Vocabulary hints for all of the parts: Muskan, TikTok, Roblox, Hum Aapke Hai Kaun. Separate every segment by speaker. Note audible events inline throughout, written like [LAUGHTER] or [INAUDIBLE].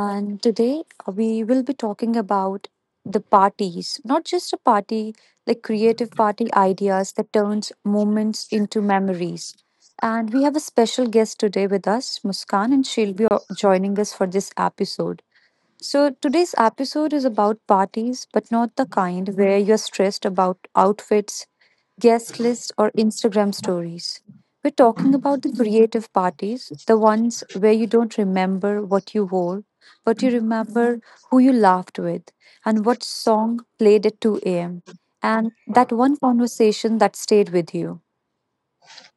Speaker 1: And today we will be talking about the parties, not just a party, like creative party ideas that turns moments into memories. And we have a special guest today with us, Muskan, and she'll be joining us for this episode. So today's episode is about parties, but not the kind where you're stressed about outfits, guest lists, or Instagram stories. We're talking about the creative parties, the ones where you don't remember what you wore, but you remember who you laughed with and what song played at 2 a.m. and that one conversation that stayed with you.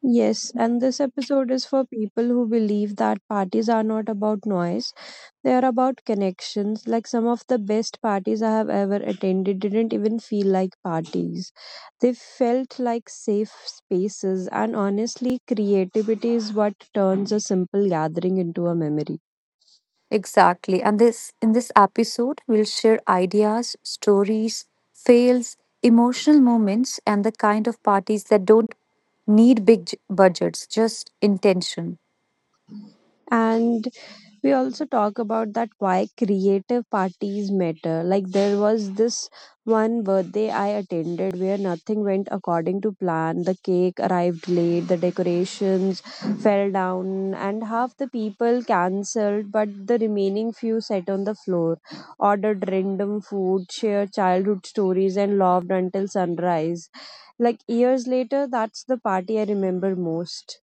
Speaker 2: Yes, and this episode is for people who believe that parties are not about noise, they are about connections. Like some of the best parties I have ever attended didn't even feel like parties. They felt like safe spaces, and honestly, creativity is what turns a simple gathering into a memory.
Speaker 1: Exactly. And this in this episode we'll share ideas, stories, fails, emotional moments and the kind of parties that don't need big budgets, just intention.
Speaker 2: And we also talk about that why creative parties matter. Like there was this one birthday I attended where nothing went according to plan. The cake arrived late, the decorations fell down, and half the people cancelled, but the remaining few sat on the floor, ordered random food, shared childhood stories, and laughed until sunrise. Like years later, that's the party I remember most.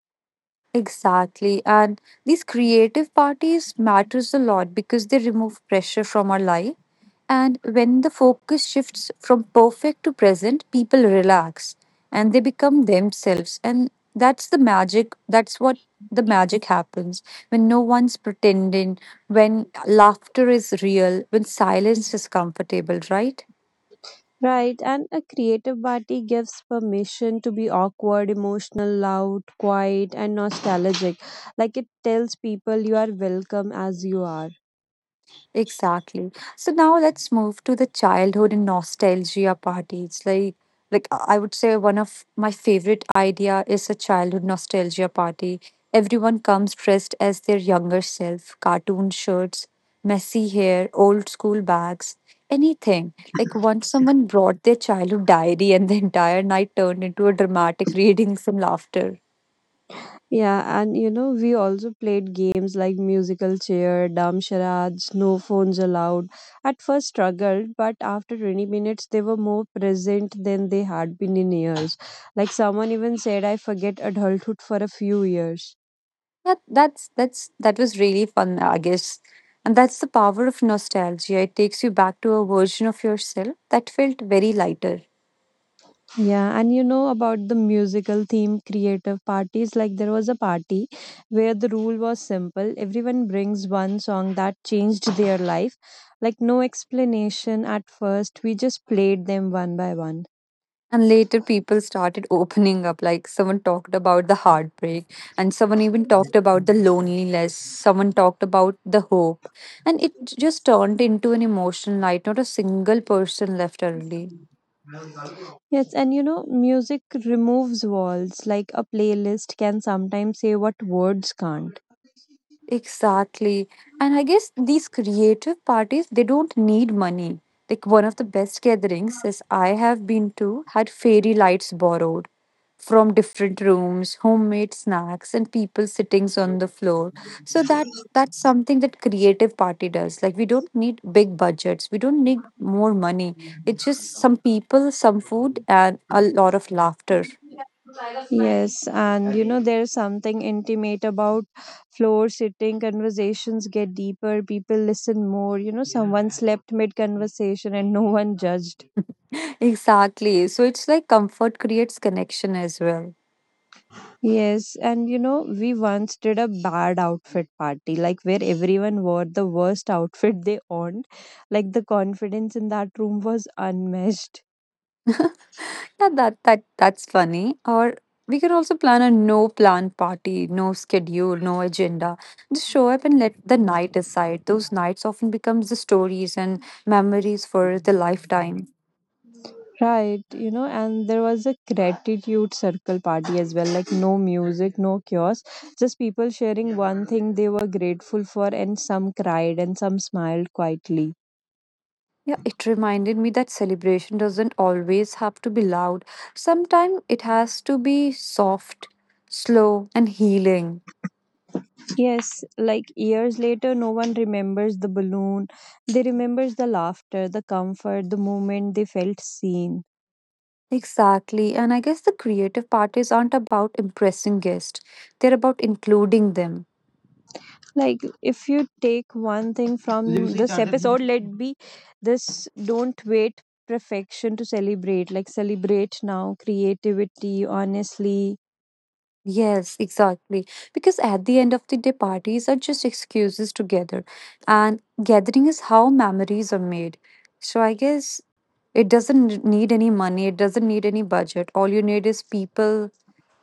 Speaker 1: Exactly. And these creative parties matters a lot because they remove pressure from our life. And when the focus shifts from perfect to present, people relax and they become themselves. And that's the magic. That's what the magic happens when no one's pretending, when laughter is real, when silence is comfortable, right?
Speaker 2: Right, and a creative party gives permission to be awkward, emotional, loud, quiet, and nostalgic. Like it tells people you are welcome as you are.
Speaker 1: Exactly. So now let's move to the childhood and nostalgia parties. I would say one of my favorite idea is a childhood nostalgia party. Everyone comes dressed as their younger self, cartoon shirts, messy hair, old school bags, anything. Like once someone brought their childhood diary [LAUGHS] and the entire night turned into a dramatic readings and laughter.
Speaker 2: Yeah, and you know, we also played games like musical chair, dumb charades, no phones allowed. At first struggled, but after 20 minutes, they were more present than they had been in years. Like someone even said, I forget adulthood for a few years.
Speaker 1: That that was really fun, I guess. And that's the power of nostalgia. It takes you back to a version of yourself that felt very lighter.
Speaker 2: Yeah, and you know about the musical theme creative parties. Like there was a party where the rule was simple. Everyone brings one song that changed their life. Like no explanation at first. We just played them one by one.
Speaker 1: And later people started [LAUGHS] opening up, like someone talked about the heartbreak, and someone even talked about the loneliness, someone talked about the hope. And it just turned into an emotional night, not a single person left early.
Speaker 2: Yes, and you know, music removes walls. Like a playlist can sometimes say what words can't.
Speaker 1: Exactly. And I guess these creative parties, they don't need money. Like one of the best gatherings as I have been to had fairy lights borrowed from different rooms, homemade snacks, and people sitting on the floor. So that's something that creative party does. Like we don't need big budgets. We don't need more money. It's just some people, some food, and a lot of laughter.
Speaker 2: Yes, and you know, there's something intimate about floor sitting. Conversations get deeper, people listen more. You know, someone slept mid conversation and no one judged.
Speaker 1: [LAUGHS] Exactly. So it's like comfort creates connection as well.
Speaker 2: Yes, and you know, we once did a bad outfit party, like where everyone wore the worst outfit they owned. Like the confidence in that room was unmatched.
Speaker 1: Yeah, that's funny. Or we can also plan a no plan party, no schedule, no agenda. Just show up and let the night decide. Those nights often becomes the stories and memories for the lifetime.
Speaker 2: Right, you know, and there was a gratitude circle party as well, like no music, no chaos, just people sharing one thing they were grateful for, and some cried and some smiled quietly.
Speaker 1: Yeah, it reminded me that celebration doesn't always have to be loud. Sometimes it has to be soft, slow, and healing.
Speaker 2: Yes, like years later, no one remembers the balloon, they remembers the laughter, the comfort, the moment they felt seen.
Speaker 1: Exactly. And I guess the creative parties aren't about impressing guests. They're about including them.
Speaker 2: Like if you take one thing from this episode, let be this, don't wait perfection to celebrate. Like celebrate now, creativity honestly,
Speaker 1: Yes, exactly. Because at the end of the day, parties are just excuses to gather, and gathering is how memories are made. So I guess it doesn't need any money, it doesn't need any budget. All you need is people,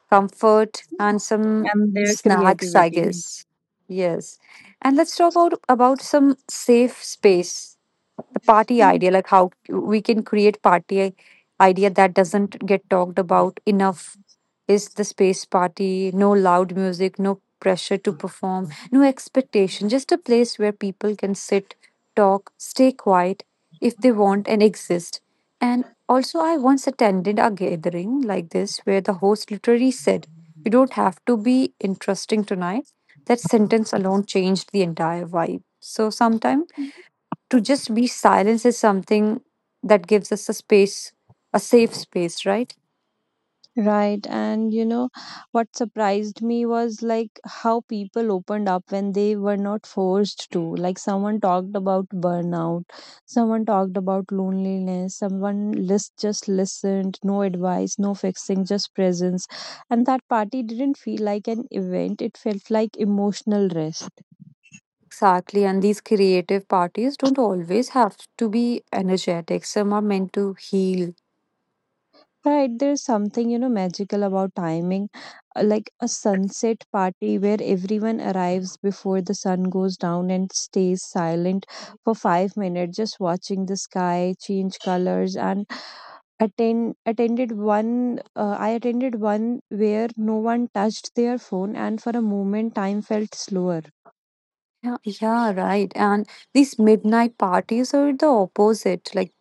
Speaker 1: comfort, and some
Speaker 2: and their
Speaker 1: snacks, I
Speaker 2: creativity.
Speaker 1: guess. Yes. And let's talk about some safe space the party idea like how we can create party idea that doesn't get talked about enough is the space party, no loud music, no pressure to perform, no expectation, just a place where people can sit, talk, stay quiet if they want and exist. And also I once attended a gathering like this where the host literally said you don't have to be interesting tonight. That sentence alone changed the entire vibe. So sometimes to just be silence is something that gives us a space, a safe space, right?
Speaker 2: Right. And you know, what surprised me was like how people opened up when they were not forced to. Like someone talked about burnout, someone talked about loneliness, someone list just listened, no advice, no fixing, just presence. And that party didn't feel like an event, it felt like emotional rest.
Speaker 1: Exactly. And these creative parties don't always have to be energetic. Some are meant to heal.
Speaker 2: Right, there's something, you know, magical about timing, like a sunset party where everyone arrives before the sun goes down and stays silent for 5 minutes, just watching the sky change colors. And I attended one where no one touched their phone, and for a moment, time felt slower.
Speaker 1: Yeah, yeah, right. And these midnight parties are the opposite, like,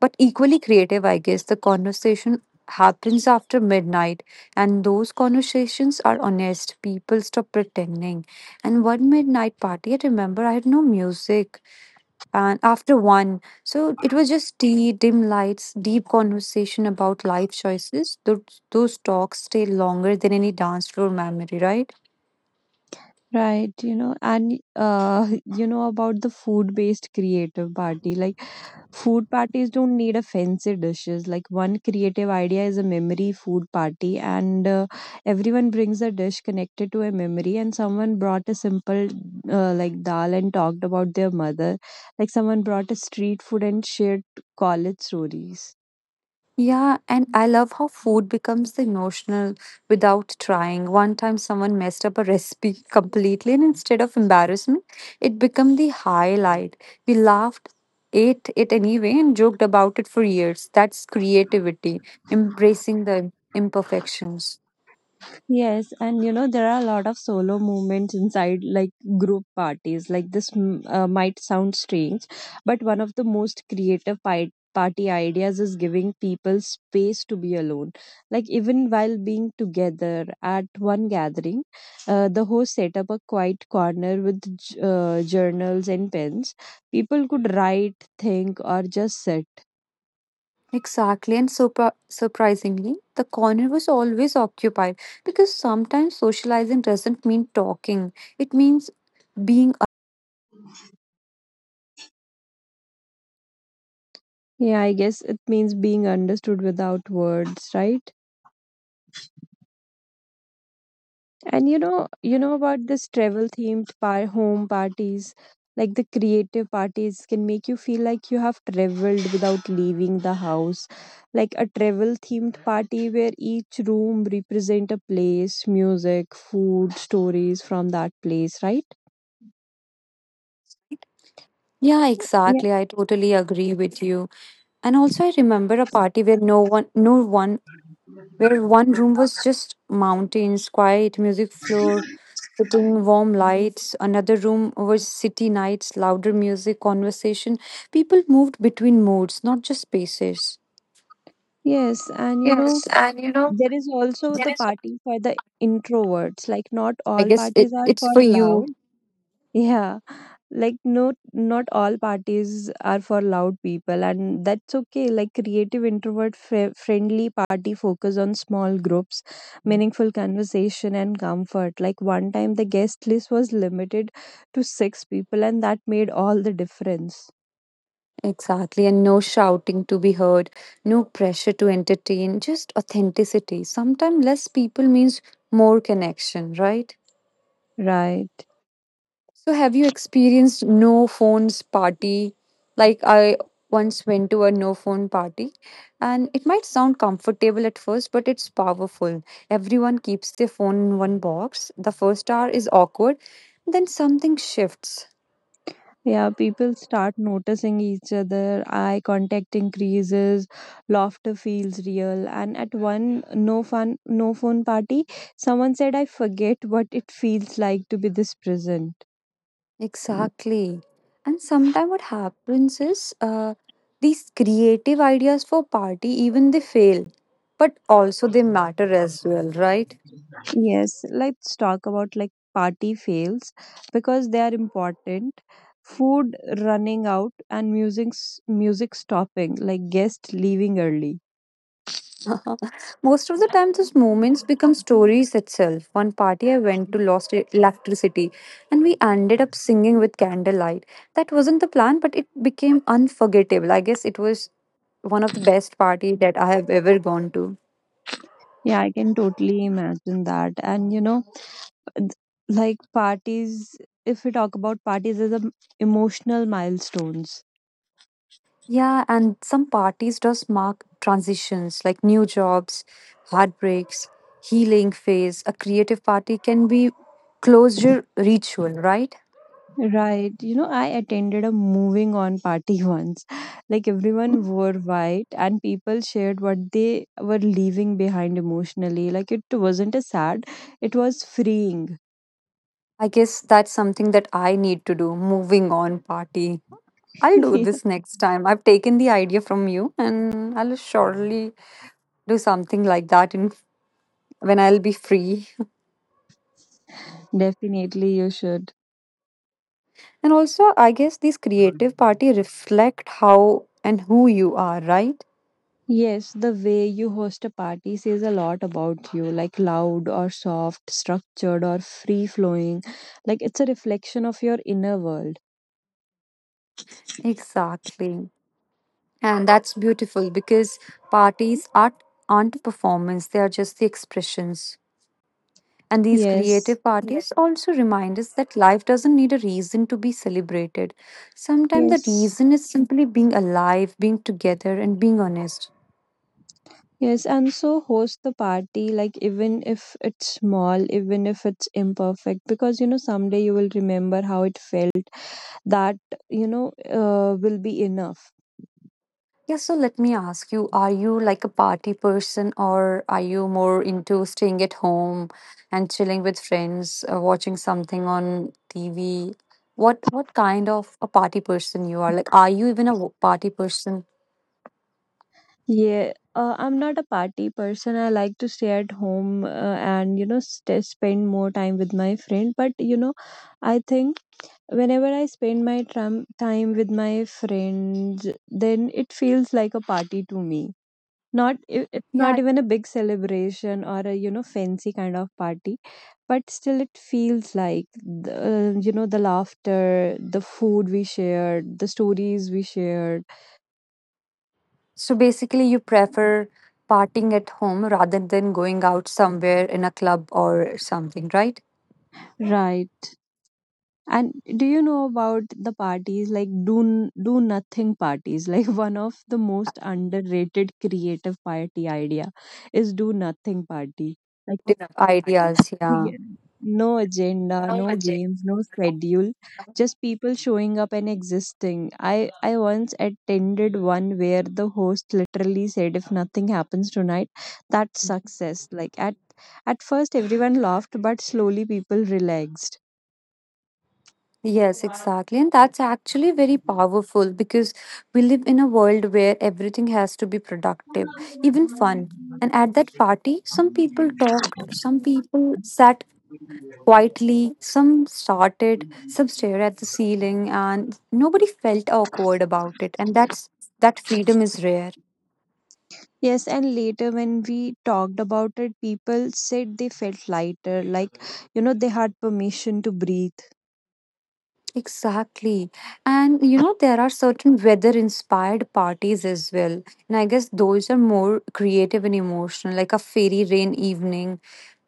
Speaker 1: but equally creative, I guess. The conversation happens after midnight, and those conversations are honest. People stop pretending. And one midnight party, I remember I had no music, and after one, so it was just tea, dim lights, deep conversation about life choices. Those talks stay longer than any dance floor memory, right?
Speaker 2: Right, you know, and [LAUGHS] you know about the food-based creative party, like food parties don't need a fancy dishes. Like one creative idea is a memory food party, and everyone brings a dish connected to a memory. And someone brought a simple like dal and talked about their mother. Like someone brought a street food and shared college stories.
Speaker 1: Yeah. And I love how food becomes the emotional without trying. One time someone messed up a recipe [LAUGHS] completely, and instead of embarrassment it became the highlight. We laughed, ate it anyway and joked about it for years. That's creativity embracing the imperfections.
Speaker 2: Yes, and you know, there are a lot of solo movements inside like group parties. Like this might sound strange, but one of the most creative party ideas is giving people space to be alone. Like even while being together at one gathering, the host set up a quiet corner with journals and pens. People could write, think, or just sit.
Speaker 1: Exactly, and surprisingly, the corner was always occupied because sometimes socializing doesn't mean talking, it means being.
Speaker 2: Yeah, I guess it means being understood without words, right? And you know about this travel themed par home parties, like the creative parties can make you feel like you have traveled without leaving the house. Like a travel themed party where each room represent a place, music, food, stories from that place, right?
Speaker 1: Yeah,
Speaker 2: Yeah.
Speaker 1: exactly. I totally agree with you. And also, I remember a party where no one, no one, where one room was just mountains, quiet music, floor, sitting, warm lights. Another room was city nights, louder music, conversation. People moved between moods, not just spaces.
Speaker 2: Yes, and you know,
Speaker 1: Yes, and you know,
Speaker 2: there is also
Speaker 1: there
Speaker 2: the
Speaker 1: is,
Speaker 2: party for the introverts. Like not
Speaker 1: I
Speaker 2: all
Speaker 1: guess
Speaker 2: parties are
Speaker 1: it's
Speaker 2: for
Speaker 1: for
Speaker 2: loud.
Speaker 1: you.
Speaker 2: [LAUGHS] Yeah, like no, not all parties are for loud people, and that's okay. Like creative introvert friendly party focus on small groups, meaningful conversation, and comfort. Like one time the guest list was limited to six people, and that made all the difference,
Speaker 1: Exactly, and no shouting to be heard, no pressure to entertain, just authenticity. Sometimes less people means more connection, right?
Speaker 2: right?
Speaker 1: So, have you experienced no phones party? Like, I once went to a no phone party, and it might sound comfortable at first, but it's powerful. Everyone keeps their phone in one box. The first hour is awkward, then something shifts.
Speaker 2: Yeah, people start noticing each other, eye contact increases, laughter feels real. And at one no fun, no phone party, someone said, I forget what it feels like to be this present.
Speaker 1: Exactly. And sometimes what happens is these creative ideas for party, even they fail, but also they matter as well, right?
Speaker 2: Yes, let's talk about like party fails because they are important. Food running out and music stopping, like guest leaving early.
Speaker 1: [LAUGHS] Most of the time, those moments become stories itself. One party I went to lost electricity and we ended up singing with candlelight. That wasn't the plan, but it became unforgettable. I guess it was one of the best party that I have ever gone to.
Speaker 2: Yeah, I can totally imagine that. And you know, th- like parties, if we talk about parties as a emotional milestones,
Speaker 1: Yeah, and some parties does mark transitions like new jobs, heartbreaks, healing phase. A creative party can be closure ritual, right?
Speaker 2: right? You know, I attended a moving on party [LAUGHS] once. Like everyone wore white and people shared what they were leaving behind emotionally. Like it wasn't a sad, it was freeing.
Speaker 1: I guess that's something that I need to do. Moving on party. I'll
Speaker 2: [LAUGHS]
Speaker 1: do
Speaker 2: Yeah.
Speaker 1: this next time. I've taken the idea from you and I'll surely do something like that in when I'll be free. [LAUGHS]
Speaker 2: Definitely you should.
Speaker 1: And also, I guess these creative party reflect how and who you are, right?
Speaker 2: Yes, the way you host a party says a lot about you. Like loud or soft, structured or free flowing. Like it's a reflection of your inner world.
Speaker 1: Exactly. And that's beautiful because parties aren't performance, they are just the expressions. And these
Speaker 2: Yes,
Speaker 1: creative parties also remind us that life doesn't need a reason to be celebrated. Sometimes the
Speaker 2: yes,
Speaker 1: reason is simply being alive, being together, and being honest.
Speaker 2: yes, and so host the party, like even if it's small, even if it's imperfect, because you know someday you will remember how it felt. That you know will be enough.
Speaker 1: Yeah, so let me ask you, are you like a party person or are you more into staying at home and chilling with friends, watching something on TV? What kind of a party person you are? Like, are you even a party person?
Speaker 2: Yeah, I'm not a party person. I like to stay at home and you know spend more time with my friend. But you know, I think whenever I spend my time with my friends, then it feels like a party to me. Not it's not
Speaker 1: Yeah.
Speaker 2: even a big celebration or a you know fancy kind of party, but still it feels like the, you know, the laughter, the food we shared, the stories we shared,
Speaker 1: So basically, you prefer partying at home rather than going out somewhere in a club or something, right?
Speaker 2: right? And do you know about the parties like do do nothing parties [LAUGHS] like one of the most underrated creative party idea is do nothing party. Like
Speaker 1: Ideas. Yeah.
Speaker 2: yeah. No agenda, no games, no schedule, just people showing up and existing. I once attended one where the host literally said, if nothing happens tonight, that's success. Like at first, everyone laughed, but slowly people relaxed.
Speaker 1: Yes, exactly. And that's actually very powerful because we live in a world where everything has to be productive, even fun. And at that party, some people talked, some people sat quietly, some started, some stared at the ceiling, and nobody felt awkward about it. And that freedom is rare.
Speaker 2: Yes, and later when we talked about it, people said they felt lighter, like, you know, they had permission to breathe.
Speaker 1: Exactly. And you know, there are certain weather inspired parties as well. And I guess those are more creative and emotional, like a fairy rain evening,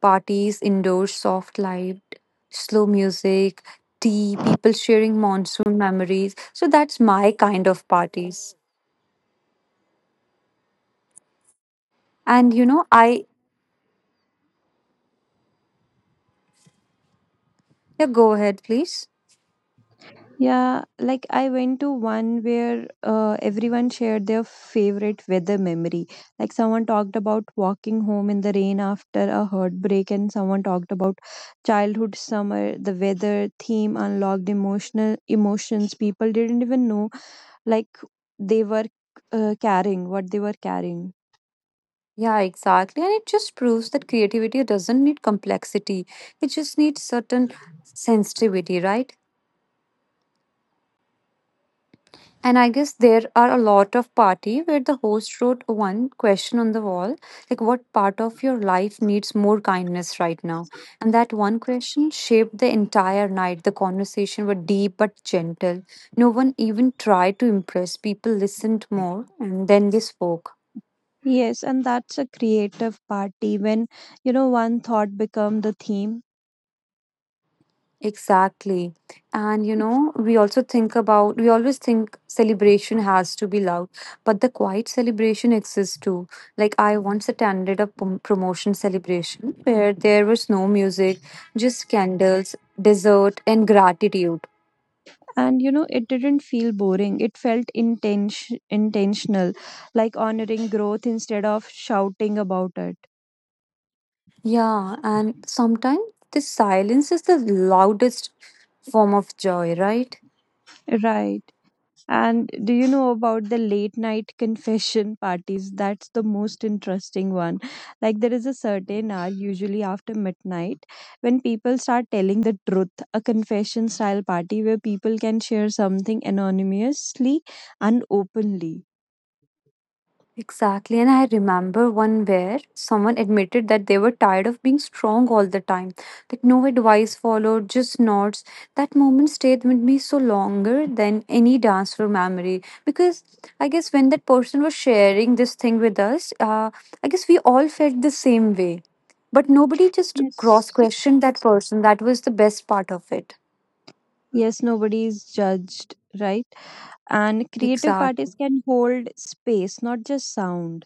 Speaker 1: parties indoors, soft light, slow music, tea, people sharing monsoon memories. So that's my kind of parties. And you know, I, yeah, go ahead, please.
Speaker 2: Yeah, like I went to one where everyone shared their favorite weather memory. Like someone talked about walking home in the rain after a heartbreak, and someone talked about childhood summer. The weather theme unlocked emotional emotions people didn't even know like they were carrying, what they were carrying.
Speaker 1: Yeah, exactly. And it just proves that creativity doesn't need complexity, it just needs certain sensitivity, right? And I guess there are a lot of party where the host wrote one question on the wall, like what part of your life needs more kindness right now? And that one question shaped the entire night. The conversation were deep but gentle. No one even tried to impress. People listened more and then they spoke.
Speaker 2: Yes, and that's a creative party when you know one thought become the theme,
Speaker 1: Exactly. And you know, we always think celebration has to be loud, but the quiet celebration exists too. Like, I once attended a promotion celebration where there was no music, just candles, dessert, and gratitude.
Speaker 2: and you know it didn't feel boring, it felt intentional. Like honoring growth instead of shouting about it,
Speaker 1: Yeah, and sometimes the silence is the loudest form of joy, right?
Speaker 2: right? And do you know about the late night confession parties? That's the most interesting one. Like there is a certain hour, usually after midnight, when people start telling the truth. A confession style party where people can share something anonymously and openly.
Speaker 1: Exactly, and I remember one where someone admitted that they were tired of being strong all the time. Like no advice followed, just nods. That moment stayed with me so longer than any dance floor memory. Because I guess when that person was sharing this thing with us, I guess we all felt the same way. But nobody just
Speaker 2: Yes,
Speaker 1: cross questioned that person. That was the best part of it.
Speaker 2: yes, nobody is judged, right? And creative
Speaker 1: Exactly.
Speaker 2: parties can hold space, not just sound.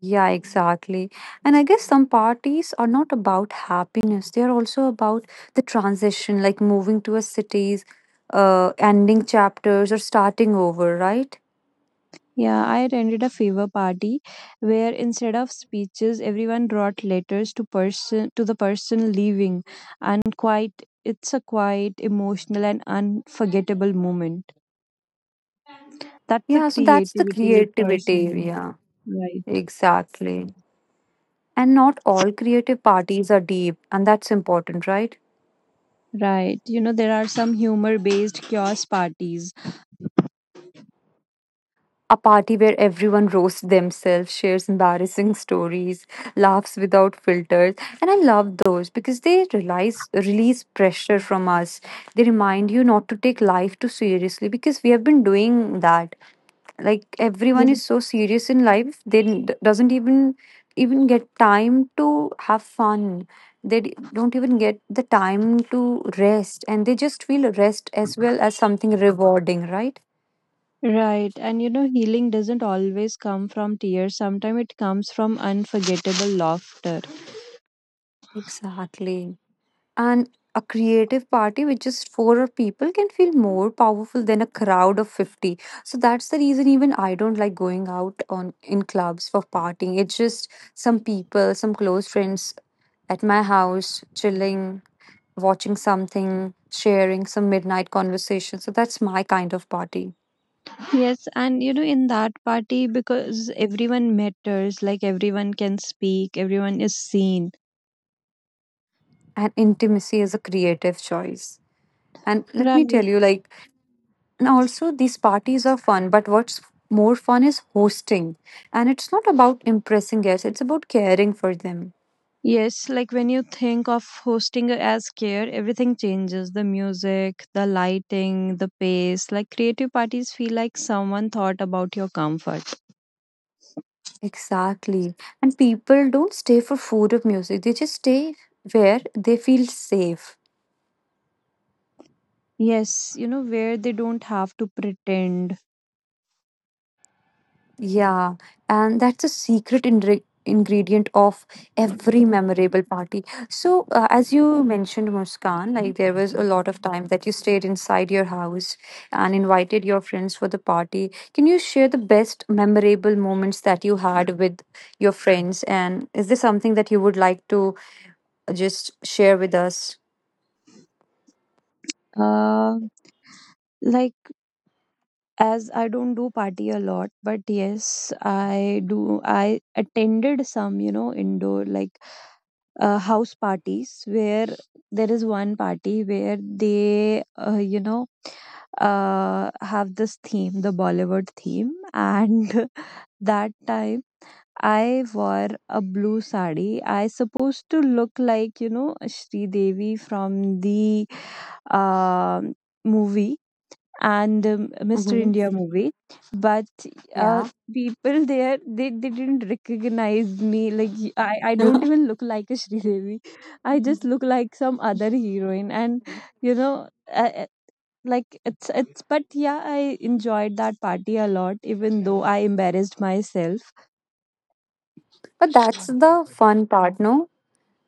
Speaker 1: Yeah, exactly. And I guess some parties are not about happiness. They are also about the transition, like moving to a cities, ending chapters or starting over, right?
Speaker 2: Yeah, I attended a fever party where instead of speeches everyone brought letters to the person leaving, and quite it's a quite emotional and unforgettable moment. That's the
Speaker 1: Yeah, so that's the
Speaker 2: creativity with
Speaker 1: creativity.
Speaker 2: person,
Speaker 1: Yeah,
Speaker 2: right?
Speaker 1: exactly. And not all creative parties are deep, and that's important, right?
Speaker 2: Right, you know, there are some humor based chaos parties.
Speaker 1: A party where everyone roasts themselves, shares embarrassing [LAUGHS] stories, laughs without filters. And I love those because they release pressure from us. They remind you not to take life too seriously because we have been doing that. Like
Speaker 2: Yeah.
Speaker 1: everyone is so serious in life, doesn't even get time to have fun. They don't even get the time to rest, and they just feel rest as well as something rewarding, right?
Speaker 2: Right. And you know, healing doesn't always come from tears. Sometimes it comes from unforgettable laughter.
Speaker 1: Exactly. And a creative party with just four people can feel more powerful than a crowd of 50. So that's the reason even I don't like going out on in clubs for partying. It's just some people, some close friends at my house, chilling, watching something, sharing some midnight conversation. So that's my kind of party.
Speaker 2: Yes, and you know, in that party, because everyone matters, like everyone can speak, everyone is seen.
Speaker 1: And intimacy is a creative choice. And let me tell
Speaker 2: Right.
Speaker 1: you, like. And also, these parties are fun, but what's more fun is hosting. And it's not about impressing guests, it's about caring for them.
Speaker 2: Yes, like when you think of hosting as care, everything changes the music, the lighting, the pace. Like creative parties feel like someone thought about your comfort.
Speaker 1: Exactly. And people don't stay for food or music, they just stay where they feel safe.
Speaker 2: Yes, you know, where they don't have to pretend.
Speaker 1: Yeah, and that's a secret ingredient of every memorable party. So, as you mentioned, Muskan, like there was a lot of time that you stayed inside your house and invited your friends for the party. Can you share the best memorable moments that you had with your friends? And is there something that you would like to just share with us?
Speaker 2: Uh, like as I don't do party a lot, but yes, I do. I attended some, you know, indoor like house parties where there is one party where they, you know, have this theme, the Bollywood theme, and [LAUGHS] that time I wore a blue sari. I supposed to look like you know Sri Devi from the um movie and Mr.
Speaker 1: Mm-hmm.
Speaker 2: India movie. But uh,
Speaker 1: Yeah.
Speaker 2: people there, they didn't recognize me. Like I don't
Speaker 1: [LAUGHS]
Speaker 2: even look like a Sridevi. I just look like some other heroine. And you know, like it's. But yeah, I enjoyed that party a lot, even though I embarrassed myself.
Speaker 1: but that's the fun part, no?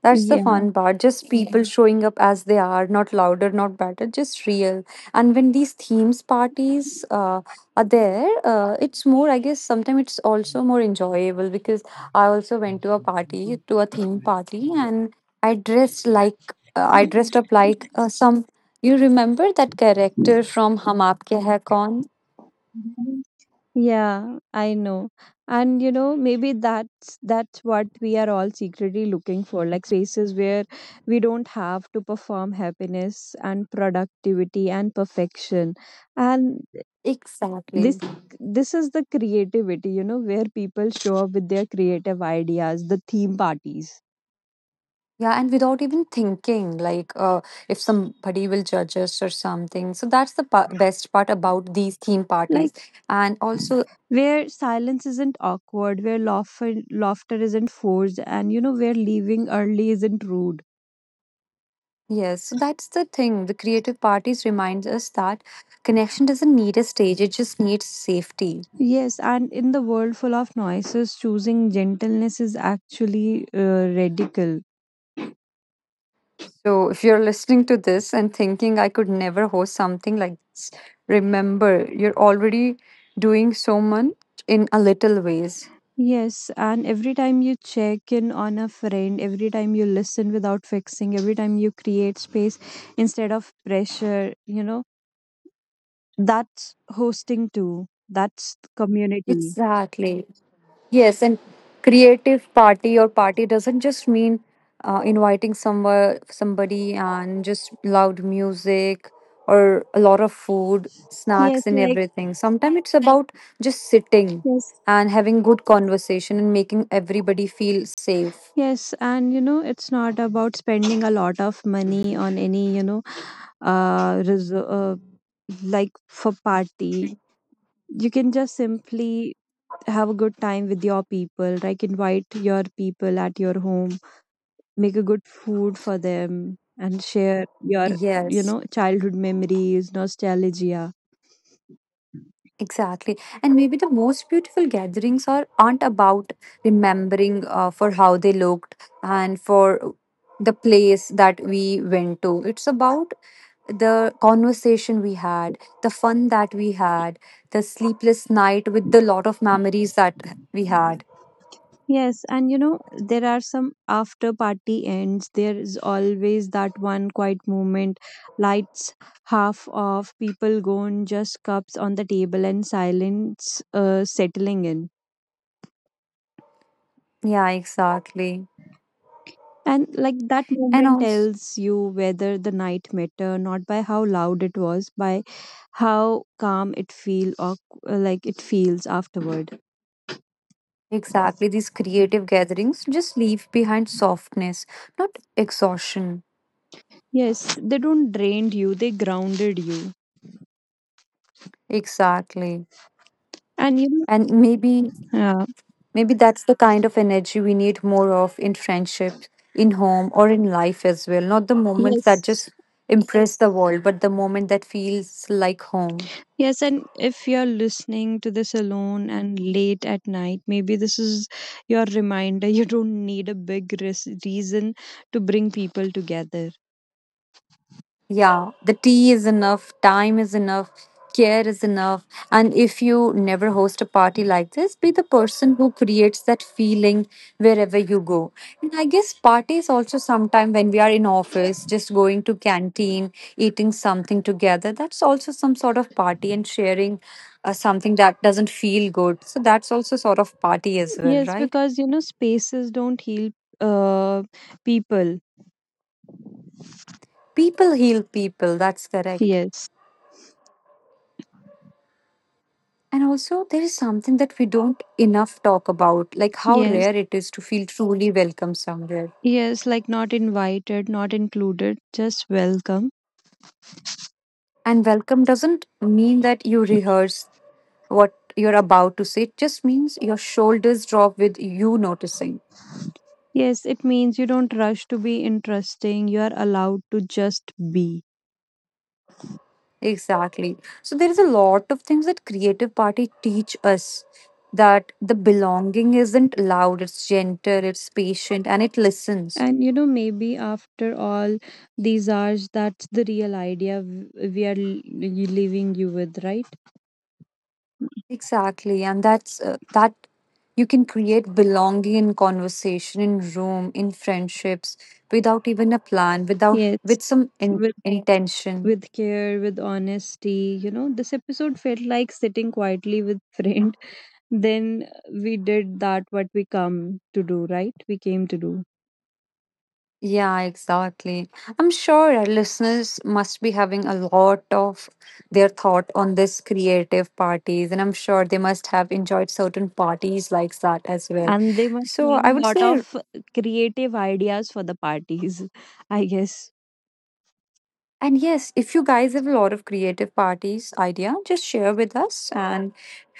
Speaker 1: That's the
Speaker 2: Yeah.
Speaker 1: fun part. Just people showing up as they are, not louder, not better, just real. And when these themes parties are there, it's more, I guess, sometimes it's also more enjoyable because I also went to a party, to a theme party, and I dressed like, I dressed up like some, you remember that character from Hum Aapke Hai Kaun?
Speaker 2: Yeah, I know. And you know, maybe that's what we are all secretly looking for, like spaces where we don't have to perform happiness and productivity and perfection. And this
Speaker 1: Exactly.
Speaker 2: this is the creativity, you know, where people show up with their creative ideas, the theme parties.
Speaker 1: Yeah, and without even thinking, like if somebody will judge us or something. So that's the best part about these theme
Speaker 2: Like
Speaker 1: parties. And also,
Speaker 2: where silence isn't awkward, where laughter isn't forced, and where leaving early isn't rude.
Speaker 1: yes, so that's the thing. The creative parties reminds us that connection doesn't need a stage, it just needs safety.
Speaker 2: Yes, and in the world full of noises, choosing gentleness is actually radical.
Speaker 1: So if you're listening to this and thinking I could never host something like this, remember you're already doing so much in a little ways.
Speaker 2: Yes, and every time you check in on a friend, every time you listen without fixing, every time you create space instead of pressure, that's hosting too. That's community.
Speaker 1: Exactly. Yes, and creative party or party doesn't just mean inviting somewhere somebody and just loud music or a lot of food,
Speaker 2: Yes,
Speaker 1: snacks and
Speaker 2: like,
Speaker 1: everything. Sometimes it's about just sitting
Speaker 2: yes.
Speaker 1: and having good conversation and making everybody feel safe.
Speaker 2: Yes, and it's not about spending a lot of money on any, uh, res- uh like for party. You can just simply have a good time with your people, like invite your people at your home, make a good food for them, and share your
Speaker 1: Yes.
Speaker 2: childhood memories, nostalgia.
Speaker 1: Exactly. And maybe the most beautiful gatherings aren't about remembering for how they looked and for the place that we went to. It's about the conversation we had, the fun that we had, the sleepless night with the lot of memories that we had.
Speaker 2: Yes, and there are some after party ends, there is always that one quiet moment. Lights half off, people gone, just cups on the table and silence settling in.
Speaker 1: Yeah, exactly.
Speaker 2: And like that
Speaker 1: And
Speaker 2: moment
Speaker 1: also,
Speaker 2: tells you whether the night matter, not by how loud it was, by how calm it feel or like it feels afterward.
Speaker 1: exactly, these creative gatherings just leave behind softness, not exhaustion.
Speaker 2: Yes, they don't drained you; they grounded you.
Speaker 1: Exactly.
Speaker 2: And you know,
Speaker 1: And maybe
Speaker 2: yeah,
Speaker 1: Maybe that's the kind of energy we need more of in friendships, in home, or in life as well. Not the moments that
Speaker 2: yes,
Speaker 1: just impress the world, but the moment that feels like home.
Speaker 2: yes. And if you're listening to this alone and late at night, maybe this is your reminder. [LAUGHS] You don't need a big reason to bring people together.
Speaker 1: Yeah, the tea is enough, time is enough, care is enough. And if you never host a party like this, be the person who creates that feeling wherever you go. And I guess parties also sometime when we are in office, just going to canteen, eating something together, that's also some sort of party and sharing something that doesn't feel good. So that's also sort of party as well,
Speaker 2: Yes,
Speaker 1: right?
Speaker 2: because spaces don't heal uh people.
Speaker 1: People heal people, that's correct.
Speaker 2: Yes.
Speaker 1: And also, there is something that we don't enough talk about, like how
Speaker 2: Yes.
Speaker 1: rare it is to feel truly welcome somewhere.
Speaker 2: Yes, like not invited, not included, just welcome.
Speaker 1: And welcome doesn't mean that you rehearse what you're about to say, it just means your shoulders drop with you noticing.
Speaker 2: Yes, it means you don't rush to be interesting. You are allowed to just be.
Speaker 1: Exactly. So, there is a lot of things that Creative Party teach us that the belonging isn't loud, it's gentle, it's patient, and it listens.
Speaker 2: And maybe after all these hours, that's the real idea we are leaving you with, right?
Speaker 1: Exactly, and that's that you can create belonging in conversation, in room, in friendships, without even a plan, without
Speaker 2: Yes.
Speaker 1: with some
Speaker 2: With
Speaker 1: intention.
Speaker 2: with care, with honesty. This episode felt like sitting quietly with [LAUGHS] friends. Then we did that, what we come to do, right, we came to do.
Speaker 1: Yeah, exactly. I'm sure our listeners must be having a lot of their thought on this creative parties, and I'm sure they must have enjoyed certain parties like that as well.
Speaker 2: And they must
Speaker 1: So
Speaker 2: have
Speaker 1: I
Speaker 2: a
Speaker 1: would
Speaker 2: lot
Speaker 1: say.
Speaker 2: of creative ideas for the parties, [LAUGHS] I guess.
Speaker 1: And yes, if you guys have a lot of creative parties idea, just share with us and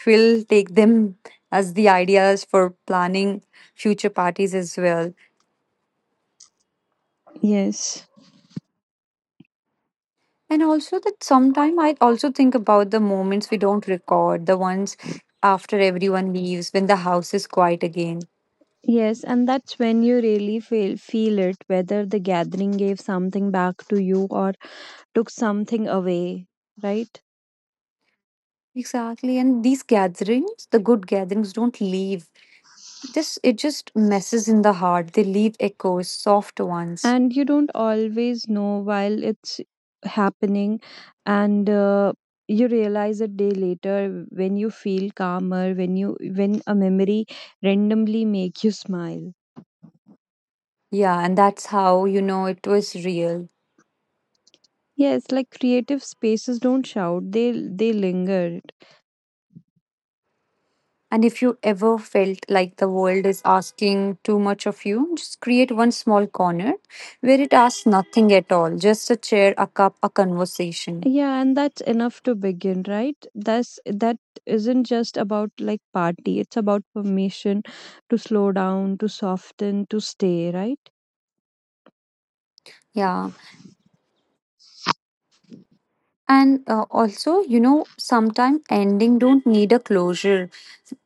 Speaker 1: we'll take them as the ideas for planning future parties as well.
Speaker 2: Yes,
Speaker 1: And also that sometime I also think about the moments we don't record, the ones after everyone leaves when the house is quiet again.
Speaker 2: yes. And that's when you really feel it, whether the gathering gave something back to you or took something away, right?
Speaker 1: Exactly. And these gatherings, the good gatherings don't leave. This it just messes in the heart. They leave echoes, soft ones.
Speaker 2: And you don't always know while it's happening, and you realize a day later, when you feel calmer, when a memory randomly make you smile.
Speaker 1: Yeah, and that's how you know it was real.
Speaker 2: Yes, like creative spaces don't shout, they linger.
Speaker 1: And if you ever felt like the world is asking too much of you, just create one small corner where it asks nothing at all just a chair, a cup, a conversation.
Speaker 2: Yeah, and that's enough to begin, right? That isn't just about like party, it's about permission to slow down, to soften, to stay, right?
Speaker 1: Yeah. And also, you know, sometimes ending don't need a closure.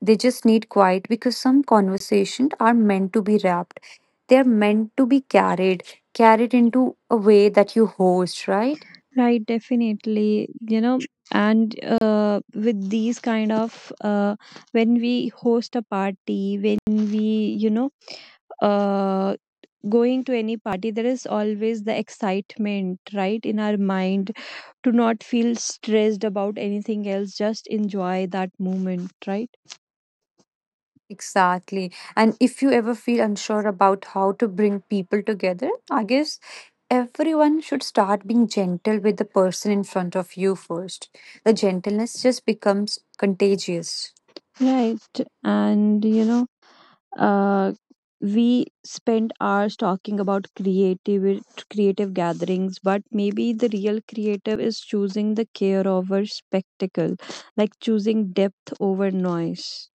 Speaker 1: They just need quiet because some conversations are meant to be wrapped. They're meant to be carried into a way that you host, right?
Speaker 2: Right, definitely. And with these kind of when we host a party, when we, you know, uh, going to any party, there is always the excitement, right, in our mind to not feel stressed about anything else, just enjoy that moment, right?
Speaker 1: Exactly. And if you ever feel unsure about how to bring people together, I guess everyone should start being gentle with the person in front of you first. The gentleness just becomes contagious.
Speaker 2: Right. And, uh, we spend hours talking about creative gatherings. But maybe the real creative is choosing the care over spectacle, like choosing depth over noise.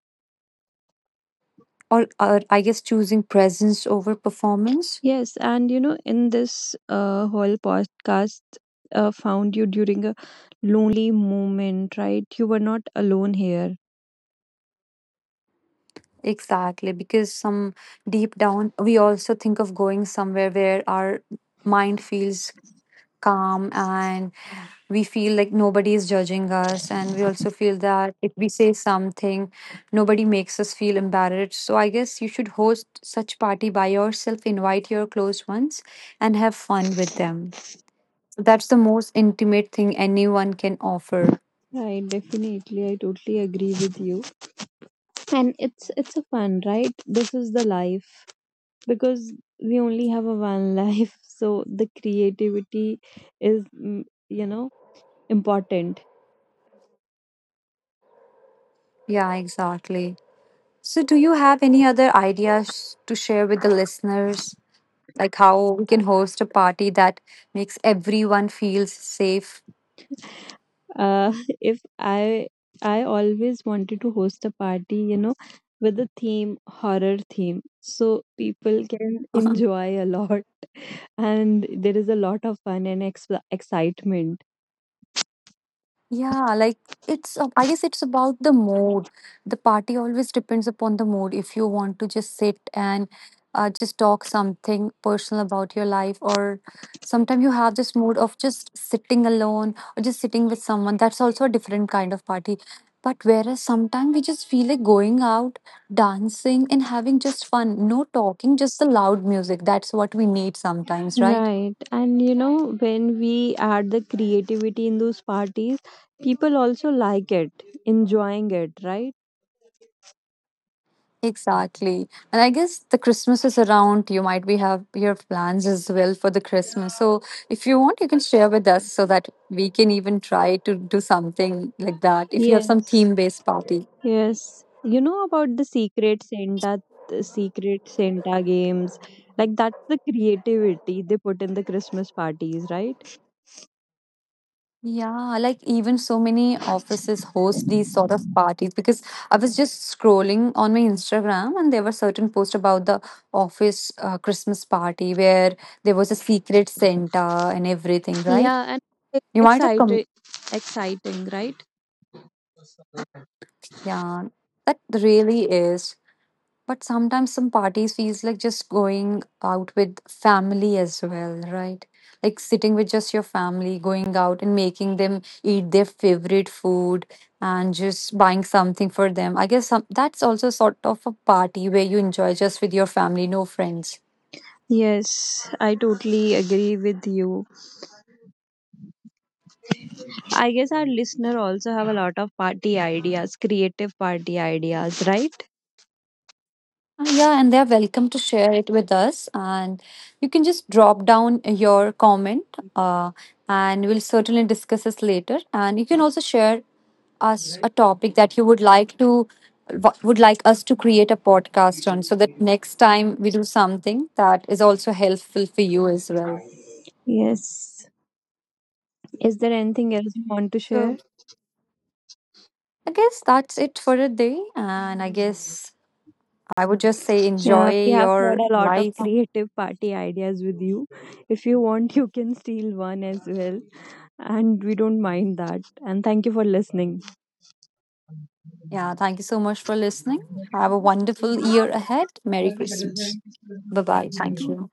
Speaker 1: Or I guess choosing presence over performance.
Speaker 2: Yes, and in this whole podcast, found you during a lonely moment, right? You were not alone here,
Speaker 1: Exactly. Because some deep down, we also think of going somewhere where our mind feels calm and we feel like nobody is judging us and we also feel that if we say something nobody makes us feel embarrassed so I guess you should host such party by yourself invite your close ones and have fun with them. So, that's the most intimate thing anyone can offer
Speaker 2: right? Definitely, I totally agree with you. And it's a fun, right? This is the life, because we only have a one [LAUGHS] life. So the creativity is you know important
Speaker 1: yeah exactly so do you have any other ideas to share with the listeners like how we can host a party that makes everyone feels safe.
Speaker 2: uh [LAUGHS] if i I always wanted to host a party, with a theme, horror theme, so people can [LAUGHS]
Speaker 1: [LAUGHS]
Speaker 2: enjoy a lot. [LAUGHS] And there is a lot of fun and excitement,
Speaker 1: Yeah, like it's, I guess it's about the mood. The party always depends upon the mood. If you want to just sit and just talk something personal about your life, or sometimes you have this mood of just sitting alone or just sitting with someone, that's also a different kind of party. But whereas sometimes we just feel like going out, dancing, and having just fun, no talking, just the loud music. That's what we need sometimes, right?
Speaker 2: right? And when we add the creativity in those parties, people also like it, enjoying it, right?
Speaker 1: Exactly. And I guess the Christmas is around. You might be have your plans as well for the Christmas. So if you want, you can share with us so that we can even try to do something like that. If you have some
Speaker 2: Yes.
Speaker 1: theme based party.
Speaker 2: Yes, you know about the Secret Santa games. Like that's the creativity they put in the Christmas parties, right?
Speaker 1: Yeah, like even so many offices host these sort of parties because I was just scrolling on my Instagram and there were certain posts about the office Christmas party where there was a secret Santa and everything, right?
Speaker 2: Yeah, and it's
Speaker 1: You might have come.
Speaker 2: exciting, exciting, right?
Speaker 1: Yeah, that really is. But sometimes some parties feels like just going out with family as well, right? Like sitting with just your family, going out and making them eat their favorite food and just buying something for them. I guess some, that's also sort of a party where you enjoy just with your family, no friends.
Speaker 2: Yes, I totally agree with you. I guess our listener also have a lot of party ideas, creative party ideas, right?
Speaker 1: Yeah, and they're welcome to share it with us. And you can just drop down your comment, uh, and we'll certainly discuss this later. And you can also share us a topic that you would like to would like us to create a podcast on, so that next time we do something that is also helpful for you as well.
Speaker 2: Yes. Is there anything else you want to
Speaker 1: So
Speaker 2: share?
Speaker 1: I guess that's it for a day. And I guess I would just say
Speaker 2: Yeah, we
Speaker 1: enjoy
Speaker 2: have shared
Speaker 1: your
Speaker 2: a lot of
Speaker 1: life.
Speaker 2: creative party ideas with you. If you want, you can steal one as well. And we don't mind that. And thank you for listening.
Speaker 1: Yeah, thank you so much for listening. Have a wonderful year ahead. Merry Christmas. Bye bye. Thank you.